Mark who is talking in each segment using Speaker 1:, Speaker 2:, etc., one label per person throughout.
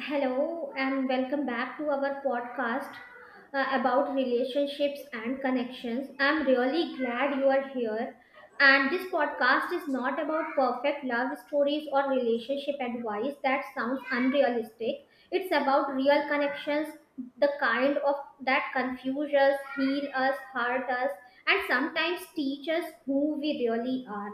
Speaker 1: Hello and welcome back to our podcast about relationships and connections. I'm really glad you are here. And this podcast is not about perfect love stories or relationship advice that sounds unrealistic. It's about real connections, the kind of that confuse us, heal us, hurt us, and sometimes teach us who we really are.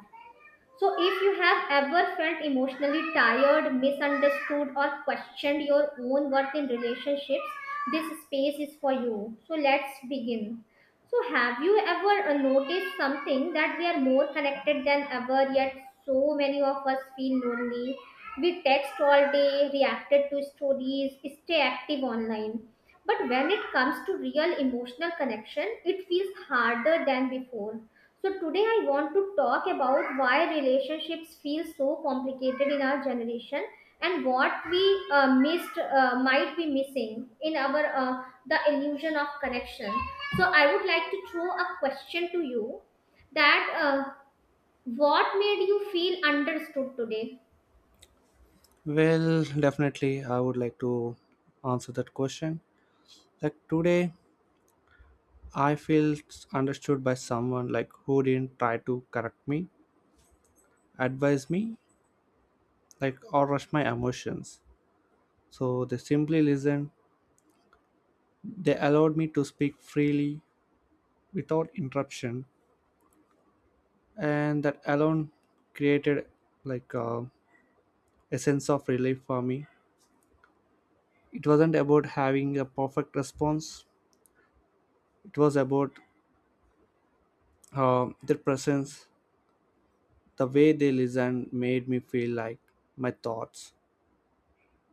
Speaker 1: So, if you have ever felt emotionally tired, misunderstood, or questioned your own worth in relationships, this space is for you. So, let's begin. So, have you ever noticed something that we are more connected than ever, yet so many of us feel lonely? We text all day, reacted to stories, stay active online. But when it comes to real emotional connection, it feels harder than before. So today I want to talk about why relationships feel so complicated in our generation and what we missed might be missing in our the illusion of connection. So I would like to throw a question to you that what made you feel understood today?
Speaker 2: Well, definitely, I would like to answer that question. Like today, I feel understood by someone like who didn't try to correct me, advise me, like or rush my emotions. So they simply listened. They allowed me to speak freely without interruption, and that alone created like uh, a sense of relief for me. It wasn't about having a perfect response. It was about their presence. The way they listened made me feel like my thoughts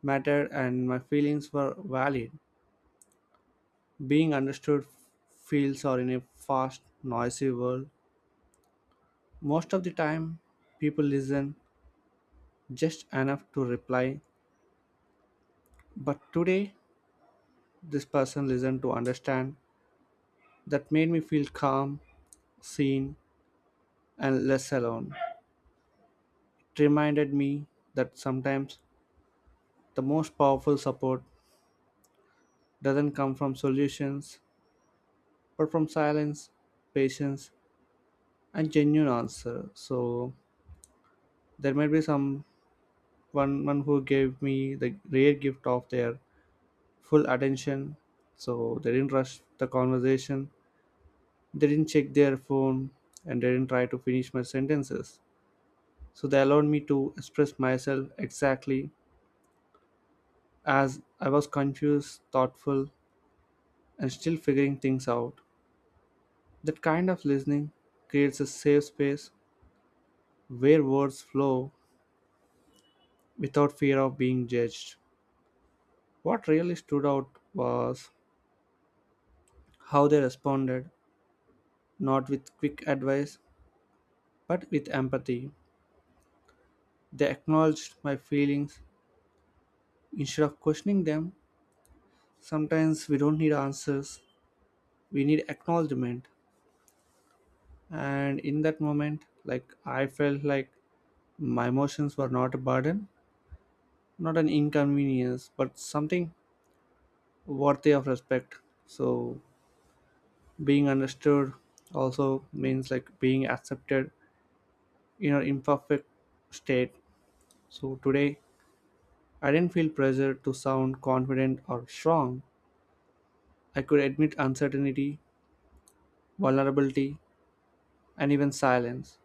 Speaker 2: mattered and my feelings were valid. Being understood feels are in a fast, noisy world. Most of the time, people listen just enough to reply. But today, this person listened to understand. That made me feel calm, seen, and less alone. It reminded me that sometimes the most powerful support doesn't come from solutions, but from silence, patience, a genuine answer. So there might be some one who gave me the rare gift of their full attention. So they didn't rush the conversation. They didn't check their phone and they didn't try to finish my sentences. So they allowed me to express myself exactly as I was confused, thoughtful, and still figuring things out. That kind of listening creates a safe space where words flow without fear of being judged. What really stood out was how they responded, not with quick advice, but with empathy. They acknowledged my feelings instead of questioning them. Sometimes we don't need answers, we need acknowledgement. And in that moment, like I felt like my emotions were not a burden, not an inconvenience, but something worthy of respect. So being understood also means like being accepted in our imperfect state. So today, I didn't feel pressure to sound confident or strong. I could admit uncertainty, vulnerability, and even silence.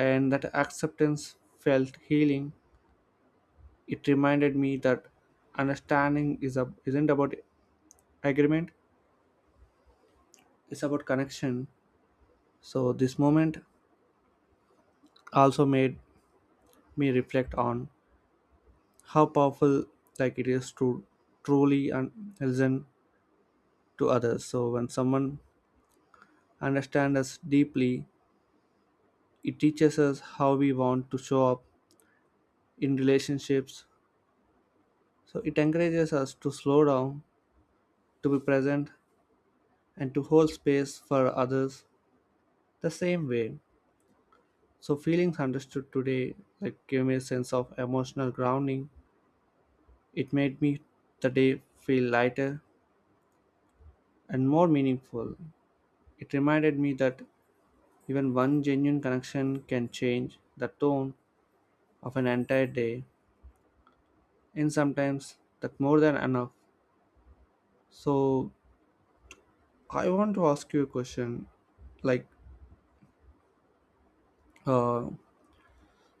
Speaker 2: And that acceptance felt healing. It reminded me that understanding isn't about agreement, it's about connection. So this moment also made me reflect on how powerful like it is to listen to others. So when someone understands us deeply, it teaches us how we want to show up in relationships, so it encourages us to slow down, to be present, and to hold space for others the same way. So feelings understood today like gave me a sense of emotional grounding. It made me the day feel lighter and more meaningful. It reminded me that even one genuine connection can change the tone of an entire day, and sometimes that more than enough. So I want to ask you a question. Like, uh,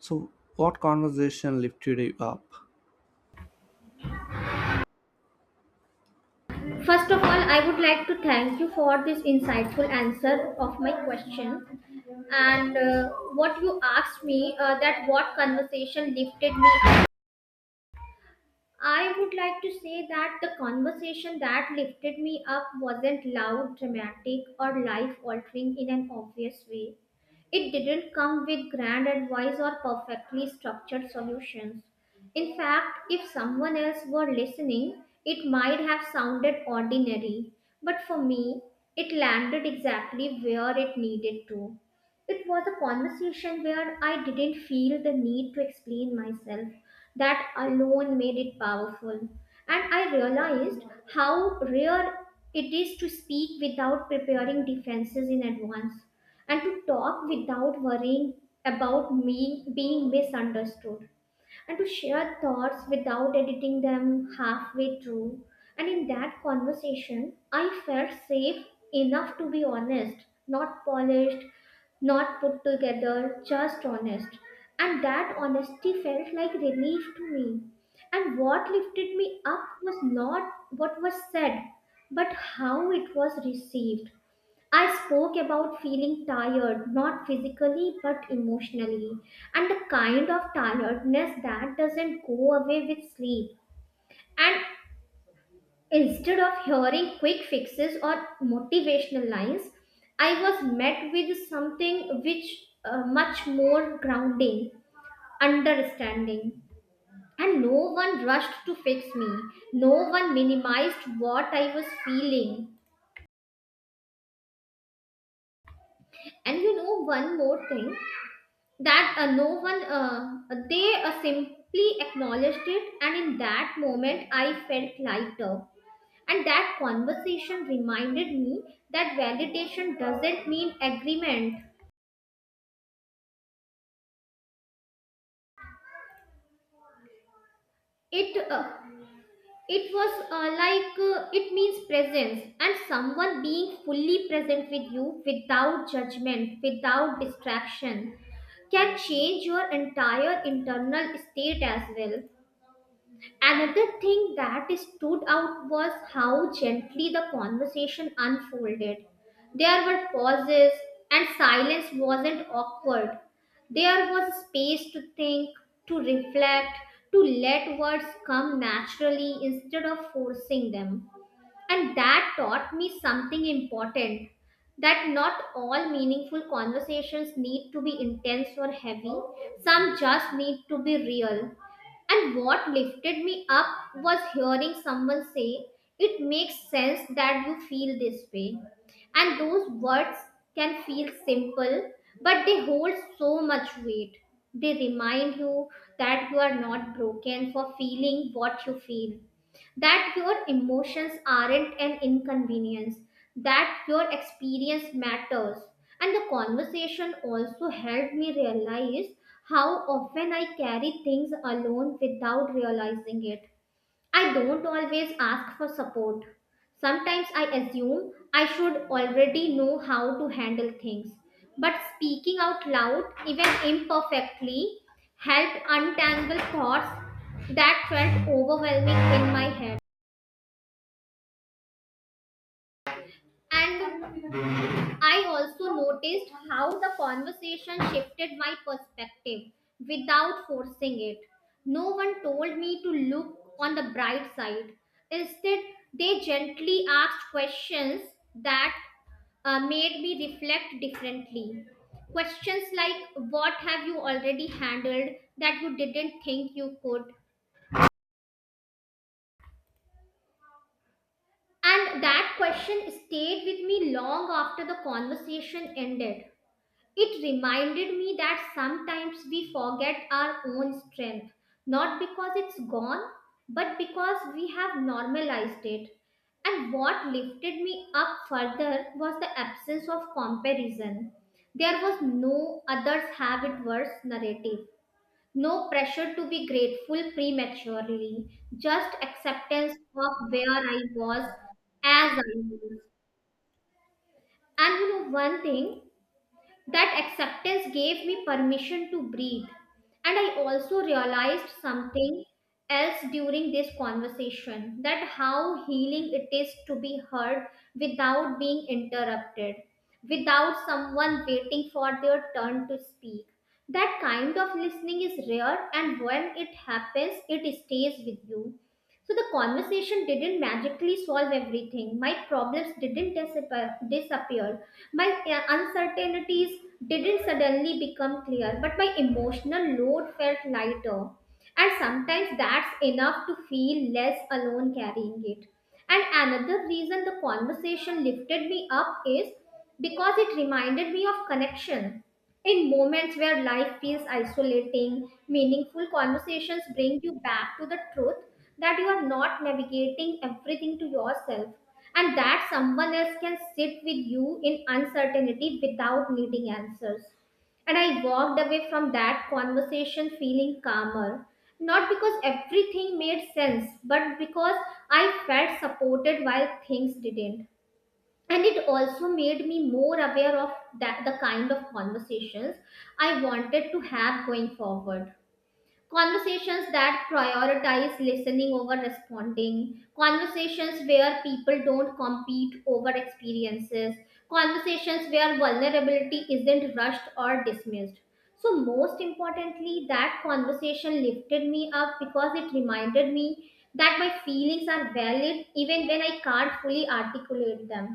Speaker 2: so what conversation lifted you up?
Speaker 1: First of all, I would like to thank you for this insightful answer of my question. And what you asked me, that what conversation lifted me, I would like to say that the conversation that lifted me up wasn't loud, dramatic, or life altering in an obvious way. It didn't come with grand advice or perfectly structured solutions. In fact, if someone else were listening, it might have sounded ordinary, but for me, it landed exactly where it needed to. It was a conversation where I didn't feel the need to explain myself. That alone made it powerful. And I realized how rare it is to speak without preparing defenses in advance and to talk without worrying about me being misunderstood and to share thoughts without editing them halfway through. And in that conversation, I felt safe enough to be honest, not polished, not put together, just honest. And that honesty felt like relief to me. And what lifted me up was not what was said, but how it was received. I spoke about feeling tired, not physically but emotionally, and the kind of tiredness that doesn't go away with sleep. And instead of hearing quick fixes or motivational lines, I was met with something which much more grounding, understanding. And no one rushed to fix me. No one minimized what I was feeling. And you know, one more thing, that no one they simply acknowledged it, and in that moment I felt lighter. And that conversation reminded me that validation doesn't mean agreement. It uh, it was uh, like uh, it means presence, and someone being fully present with you without judgment, without distraction, can change your entire internal state as well. Another thing that stood out was how gently the conversation unfolded. There were pauses, and silence wasn't awkward. There was space to think, to reflect, to let words come naturally instead of forcing them. And that taught me something important, that not all meaningful conversations need to be intense or heavy, some just need to be real. And what lifted me up was hearing someone say, "It makes sense that you feel this way." And those words can feel simple, but they hold so much weight. They remind you that you are not broken for feeling what you feel, that your emotions aren't an inconvenience, that your experience matters. And the conversation also helped me realize how often I carry things alone without realizing it. I don't always ask for support. Sometimes I assume I should already know how to handle things. But speaking out loud, even imperfectly, helped untangle thoughts that felt overwhelming in my head. And I also noticed how the conversation shifted my perspective without forcing it. No one told me to look on the bright side. Instead, they gently asked questions that made me reflect differently. Questions like, "What have you already handled that you didn't think you could?" And that question stayed with me long after the conversation ended. It reminded me that sometimes we forget our own strength, not because it's gone, but because we have normalized it. And what lifted me up further was the absence of comparison. There was no "others have it worse" narrative, no pressure to be grateful prematurely, just acceptance of where I was as I was. And you know one thing, that acceptance gave me permission to breathe. And I also realized something else during this conversation, that how healing it is to be heard without being interrupted, without someone waiting for their turn to speak. That kind of listening is rare, and when it happens, it stays with you. So the conversation didn't magically solve everything. My problems didn't disappear. My uncertainties didn't suddenly become clear, but my emotional load felt lighter. And sometimes that's enough to feel less alone carrying it. And another reason the conversation lifted me up is because it reminded me of connection. In moments where life feels isolating, meaningful conversations bring you back to the truth that you are not navigating everything to yourself, and that someone else can sit with you in uncertainty without needing answers. And I walked away from that conversation feeling calmer, not because everything made sense, but because I felt supported while things didn't. And it also made me more aware of that the kind of conversations I wanted to have going forward, conversations that prioritize listening over responding, conversations where people don't compete over experiences, conversations where vulnerability isn't rushed or dismissed. So most importantly, that conversation lifted me up because it reminded me that my feelings are valid even when I can't fully articulate them,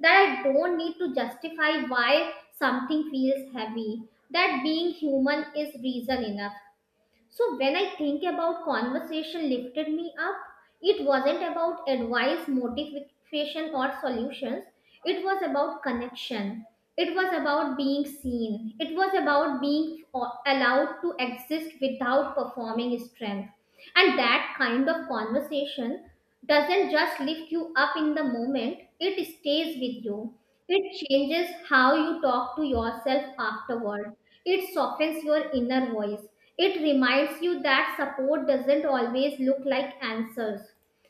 Speaker 1: that I don't need to justify why something feels heavy, that being human is reason enough. So when I think about conversation lifted me up, it wasn't about advice, motivation, or solutions. It was about connection. It was about being seen. It was about being allowed to exist without performing strength. And that kind of conversation doesn't just lift you up in the moment, it stays with you. It changes how you talk to yourself afterward. It softens your inner voice. It reminds you that support doesn't always look like answers.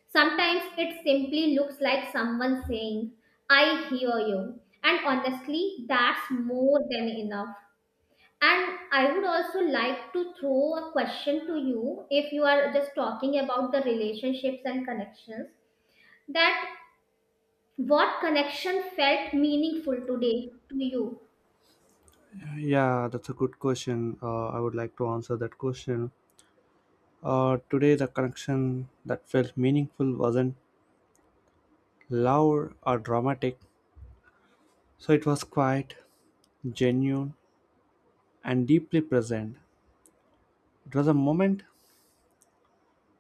Speaker 1: Sometimes it simply looks like someone saying, "I hear you." And honestly, that's more than enough. And I would also like to throw a question to you, if you are just talking about the relationships and connections, that what connection felt meaningful today to you?
Speaker 2: Yeah, that's a good question. I would like to answer that question. Today, the connection that felt meaningful wasn't loud or dramatic, so it was quiet, genuine, and deeply present. It was a moment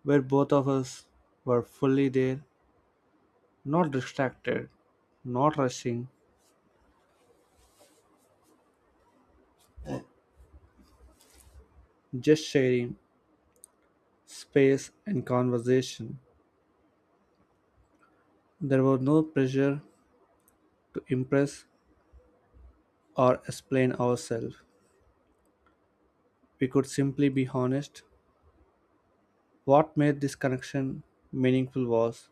Speaker 2: where both of us were fully there, not distracted, not rushing, just sharing space and conversation. There was no pressure to impress or explain ourselves. We could simply be honest. What made this connection meaningful was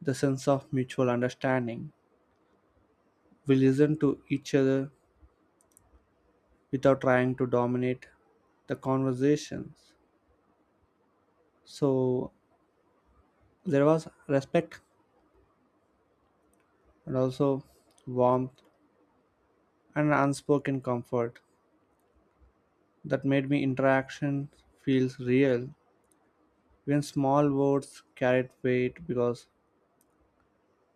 Speaker 2: the sense of mutual understanding. We listened to each other without trying to dominate the conversations. So there was respect and also warmth and unspoken comfort that made me interaction feels real. Even small words carried weight because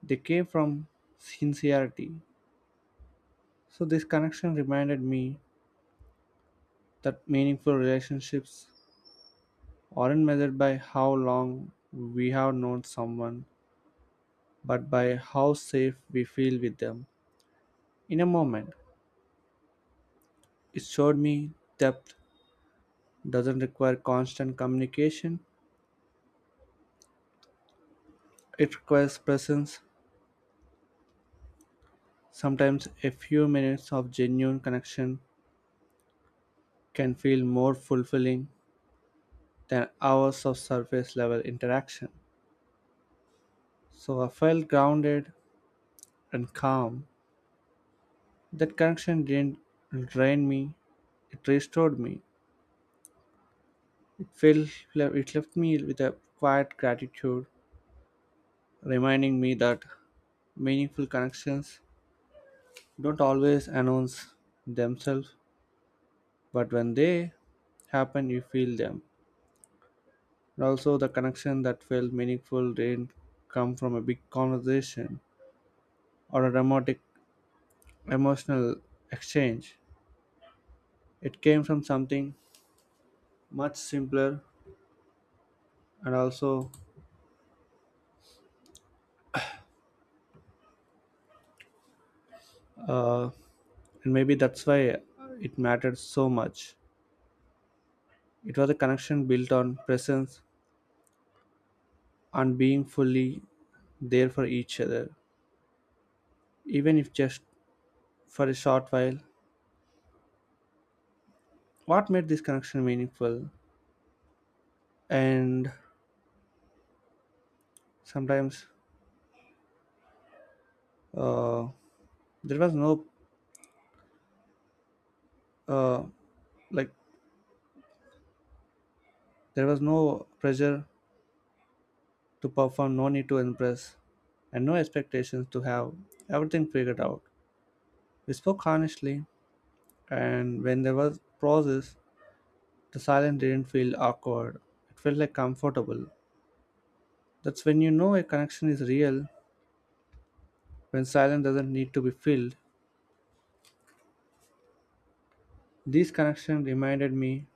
Speaker 2: they came from sincerity. So, this connection reminded me that meaningful relationships aren't measured by how long we have known someone, but by how safe we feel with them in a moment. It showed me depth doesn't require constant communication, it requires presence. Sometimes a few minutes of genuine connection can feel more fulfilling than hours of surface level interaction. So I felt grounded and calm. That connection didn't drain me, it restored me. It, felt, it left me with a quiet gratitude, reminding me that meaningful connections don't always announce themselves, but when they happen, you feel them. And also, the connection that felt meaningful didn't come from a big conversation or a dramatic emotional exchange. It came from something much simpler and also uh, and maybe that's why it mattered so much. It was a connection built on presence, on being fully there for each other, even if just for a short while. What made this connection meaningful? And sometimes uh, there was no uh, like there was no pressure to perform, no need to impress, and no expectations to have everything figured out. We spoke honestly, and when there was pauses, the silence didn't feel awkward. It felt like comfortable. That's when you know a connection is real, when silence doesn't need to be filled. These connections reminded me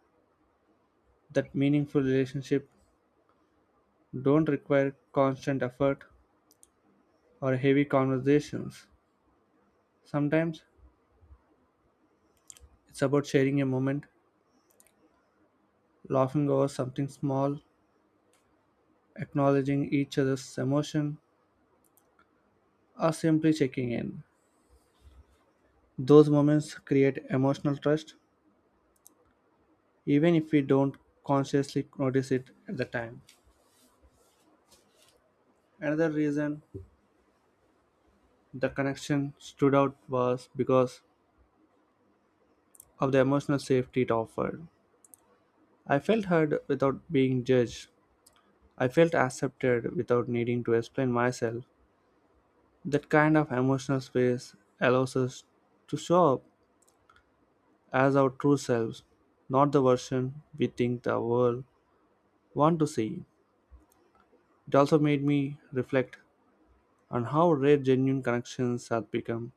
Speaker 2: that meaningful relationships don't require constant effort or heavy conversations. Sometimes it's about sharing a moment, laughing over something small, acknowledging each other's emotion, or simply checking in. Those moments create emotional trust, even if we don't consciously notice it at the time. Another reason the connection stood out was because of the emotional safety it offered. I felt heard without being judged. I felt accepted without needing to explain myself. That kind of emotional space allows us to show up as our true selves, not the version we think the world want to see. It also made me reflect on how rare genuine connections have become.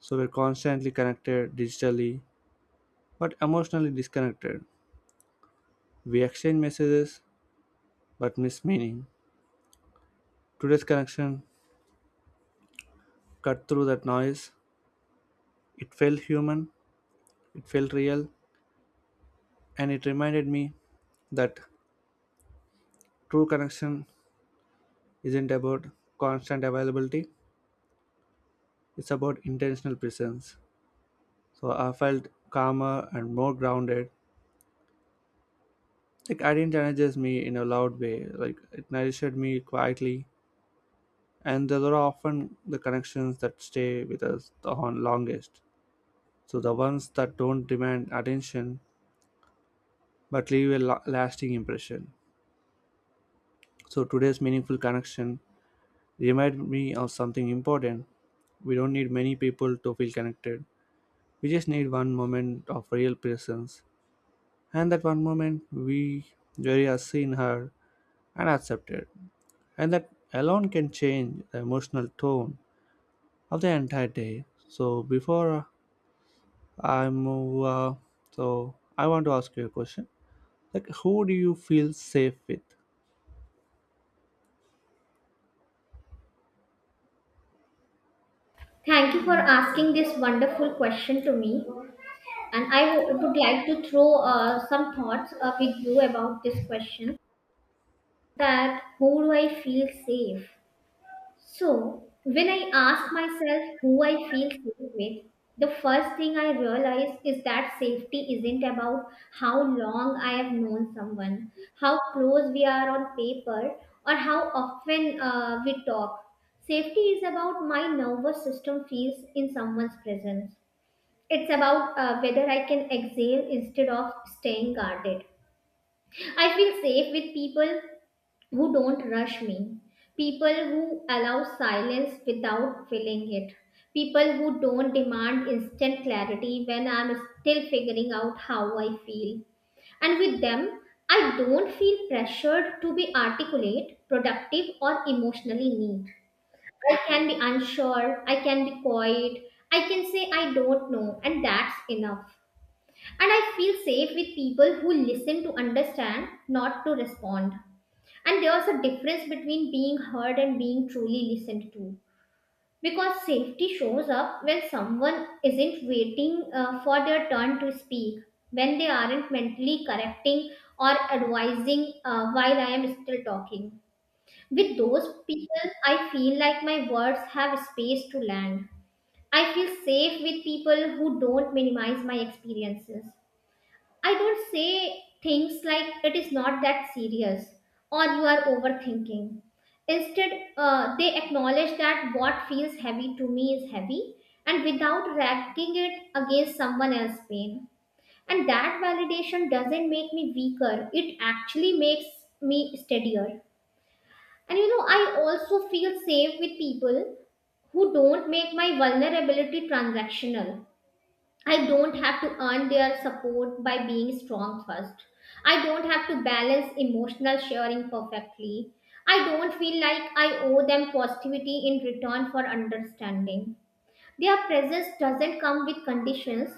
Speaker 2: So we're constantly connected digitally but emotionally disconnected. We exchange messages, but miss meaning. Today's connection cut through that noise. It felt human, it felt real, and it reminded me that true connection isn't about constant availability, it's about intentional presence. So I felt calmer and more grounded. Like I didn't energize me in a loud way, like it nourished me quietly. And those are often the connections that stay with us the longest. So the ones that don't demand attention but leave a lasting impression. So today's meaningful connection remind me of something important. We don't need many people to feel connected. We just need one moment of real presence. And that one moment we very are seen her and accepted. And that alone can change the emotional tone of the entire day. So before I move so I want to ask you a question. Like who do you feel safe with?
Speaker 1: Thank you for asking this wonderful question to me. And I would like to throw some thoughts with you about this question, that who do I feel safe? So, when I ask myself who I feel safe with, the first thing I realize is that safety isn't about how long I have known someone, how close we are on paper, or how often we talk. Safety is about my nervous system feels in someone's presence. It's about whether I can exhale instead of staying guarded. I feel safe with people who don't rush me, people who allow silence without filling it, people who don't demand instant clarity when I'm still figuring out how I feel. And with them, I don't feel pressured to be articulate, productive, or emotionally neat. I can be unsure, I can be quiet, I can say I don't know, and that's enough. And I feel safe with people who listen to understand, not to respond. And there's a difference between being heard and being truly listened to. Because safety shows up when someone isn't waiting for their turn to speak, when they aren't mentally correcting or advising while I am still talking. With those people, I feel like my words have space to land. I feel safe with people who don't minimize my experiences. I don't say things like "it is not that serious" or "you are overthinking." Instead, they acknowledge that what feels heavy to me is heavy, and without racking it against someone else's pain. And that validation doesn't make me weaker, it actually makes me steadier. And you know, I also feel safe with people who don't make my vulnerability transactional. I don't have to earn their support by being strong first. I don't have to balance emotional sharing perfectly. I don't feel like I owe them positivity in return for understanding. Their presence doesn't come with conditions,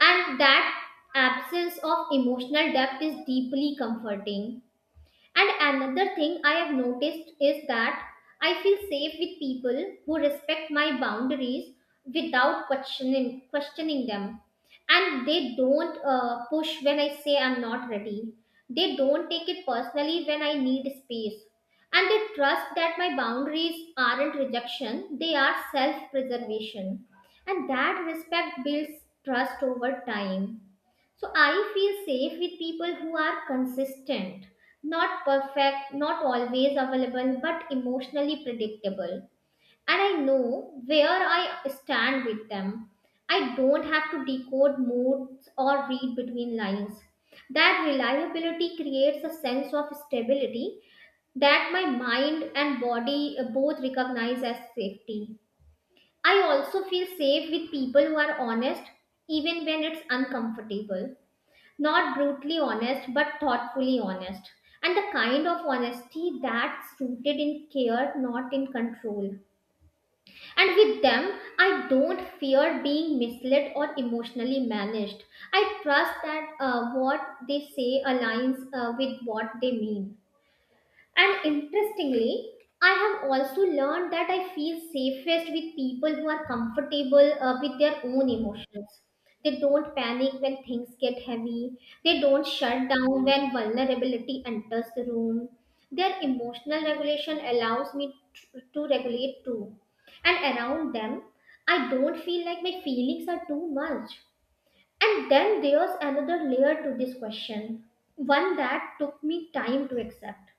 Speaker 1: and that absence of emotional depth is deeply comforting. And another thing I have noticed is that I feel safe with people who respect my boundaries without questioning them. And they don't push when I say I'm not ready. They don't take it personally when I need space. And they trust that my boundaries aren't rejection, they are self preservation. And that respect builds trust over time. So I feel safe with people who are consistent, not perfect, not always available, but emotionally predictable. And I know where I stand with them. I don't have to decode moods or read between lines. That reliability creates a sense of stability that my mind and body both recognize as safety. I also feel safe with people who are honest, even when it's uncomfortable, not brutally honest but thoughtfully honest, and the kind of honesty that's rooted in care, not in control. And with them I don't fear being misled or emotionally managed. I trust that what they say aligns with what they mean. And interestingly, I have also learned that I feel safest with people who are comfortable with their own emotions. They don't panic when things get heavy, they don't shut down when vulnerability enters the room. Their emotional regulation allows me to regulate too. And around them, I don't feel like my feelings are too much. And then there's another layer to this question, one that took me time to accept.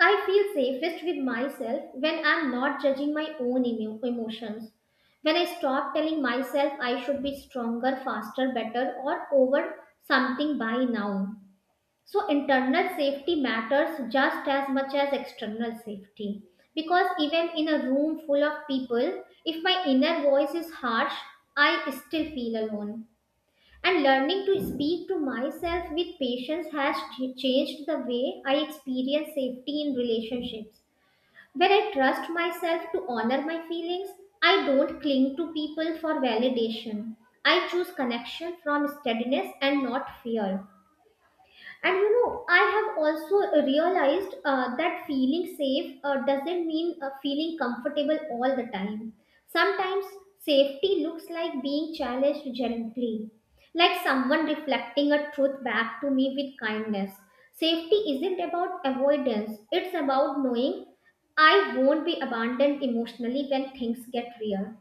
Speaker 1: I feel safest with myself when I'm not judging my own emotions. When I stop telling myself I should be stronger, faster, better, or over something by now. So, internal safety matters just as much as external safety. Because even in a room full of people, if my inner voice is harsh, I still feel alone. And learning to speak to myself with patience has changed the way I experience safety in relationships. When I trust myself to honor my feelings, I don't cling to people for validation. I choose connection from steadiness and not fear. And you know, I have also realized that feeling safe doesn't mean feeling comfortable all the time. Sometimes safety looks like being challenged gently, like someone reflecting a truth back to me with kindness. Safety isn't about avoidance, it's about knowing I won't be abandoned emotionally when things get real.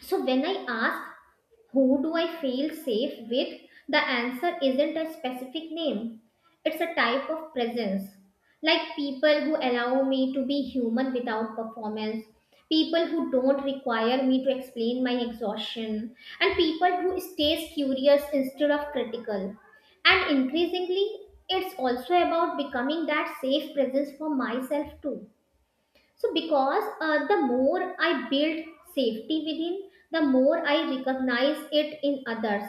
Speaker 1: So when I ask, who do I feel safe with? The answer isn't a specific name. It's a type of presence. Like people who allow me to be human without performance, people who don't require me to explain my exhaustion, and people who stays curious instead of critical. And increasingly, it's also about becoming that safe presence for myself too. So, because the more I build safety within, the more I recognize it in others,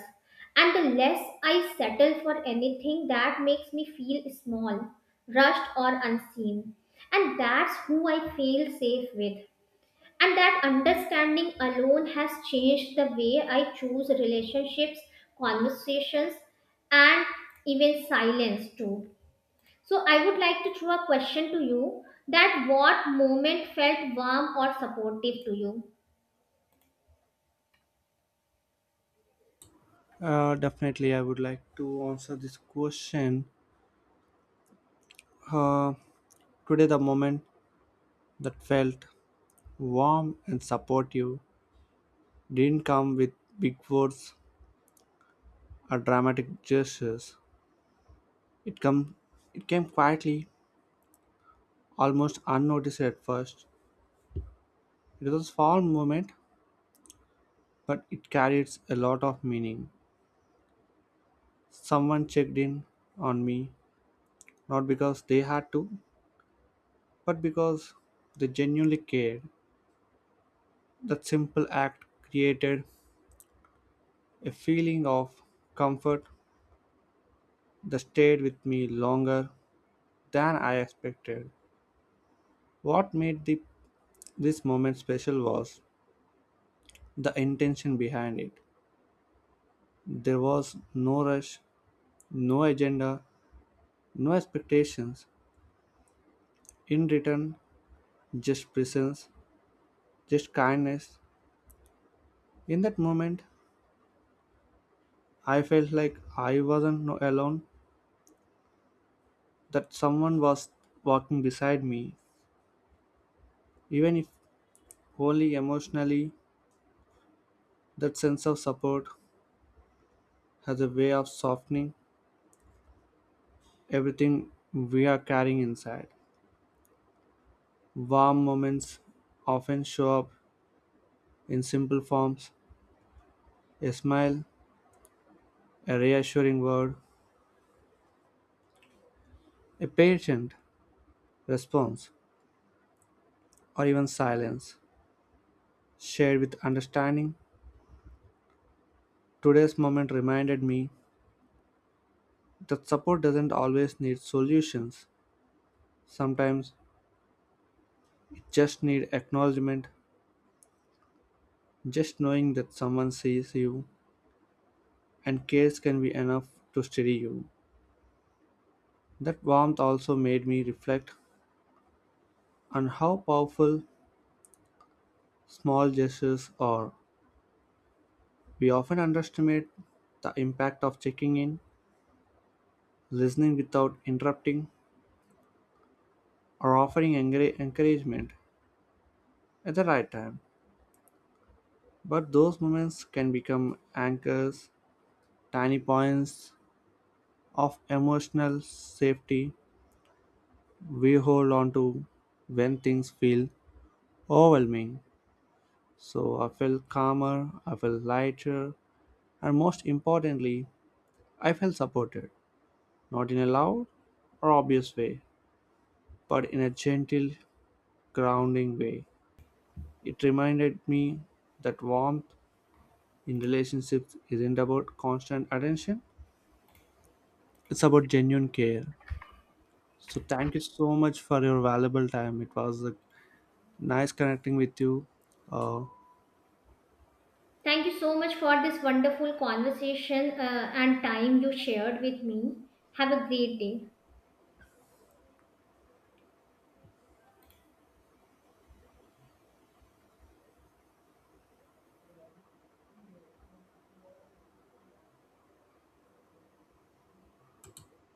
Speaker 1: and the less I settle for anything that makes me feel small, rushed, or unseen. And that's who I feel safe with. And that understanding alone has changed the way I choose relationships, conversations, and even silence too. So I would like to throw a question to you, that what moment felt warm or supportive to you?
Speaker 2: Definitely, I would like to answer this question. Uh, Today, the moment that felt warm and supportive didn't come with big words or dramatic gestures. It come, it came quietly, almost unnoticed at first. It was a small moment, but it carries a lot of meaning. Someone checked in on me, not because they had to, but because they genuinely cared. That simple act created a feeling of comfort that stayed with me longer than I expected. What made this moment special was the intention behind it. There was no rush, no agenda, no expectations. In return, just presence, just kindness. In that moment, I felt like I wasn't alone, that someone was walking beside me. Even if only emotionally, that sense of support has a way of softening everything we are carrying inside. Warm moments often show up in simple forms: a smile, a reassuring word, a patient response, or even silence. Shared with understanding, today's moment reminded me that support doesn't always need solutions. Sometimes it just needs acknowledgement, just knowing that someone sees you and cares can be enough to steady you. That warmth also made me reflect and how powerful small gestures are. We often underestimate the impact of checking in, listening without interrupting, or offering encouragement at the right time. But those moments can become anchors, tiny points of emotional safety we hold on to when things feel overwhelming. So I felt calmer, I felt lighter, and most importantly, I felt supported. Not in a loud or obvious way, but in a gentle, grounding way. It reminded me that warmth in relationships isn't about constant attention, it's about genuine care. So, thank you so much for your valuable time. It was nice connecting with you. Uh,
Speaker 1: Thank you so much for this wonderful conversation and time you shared with me. Have a great day.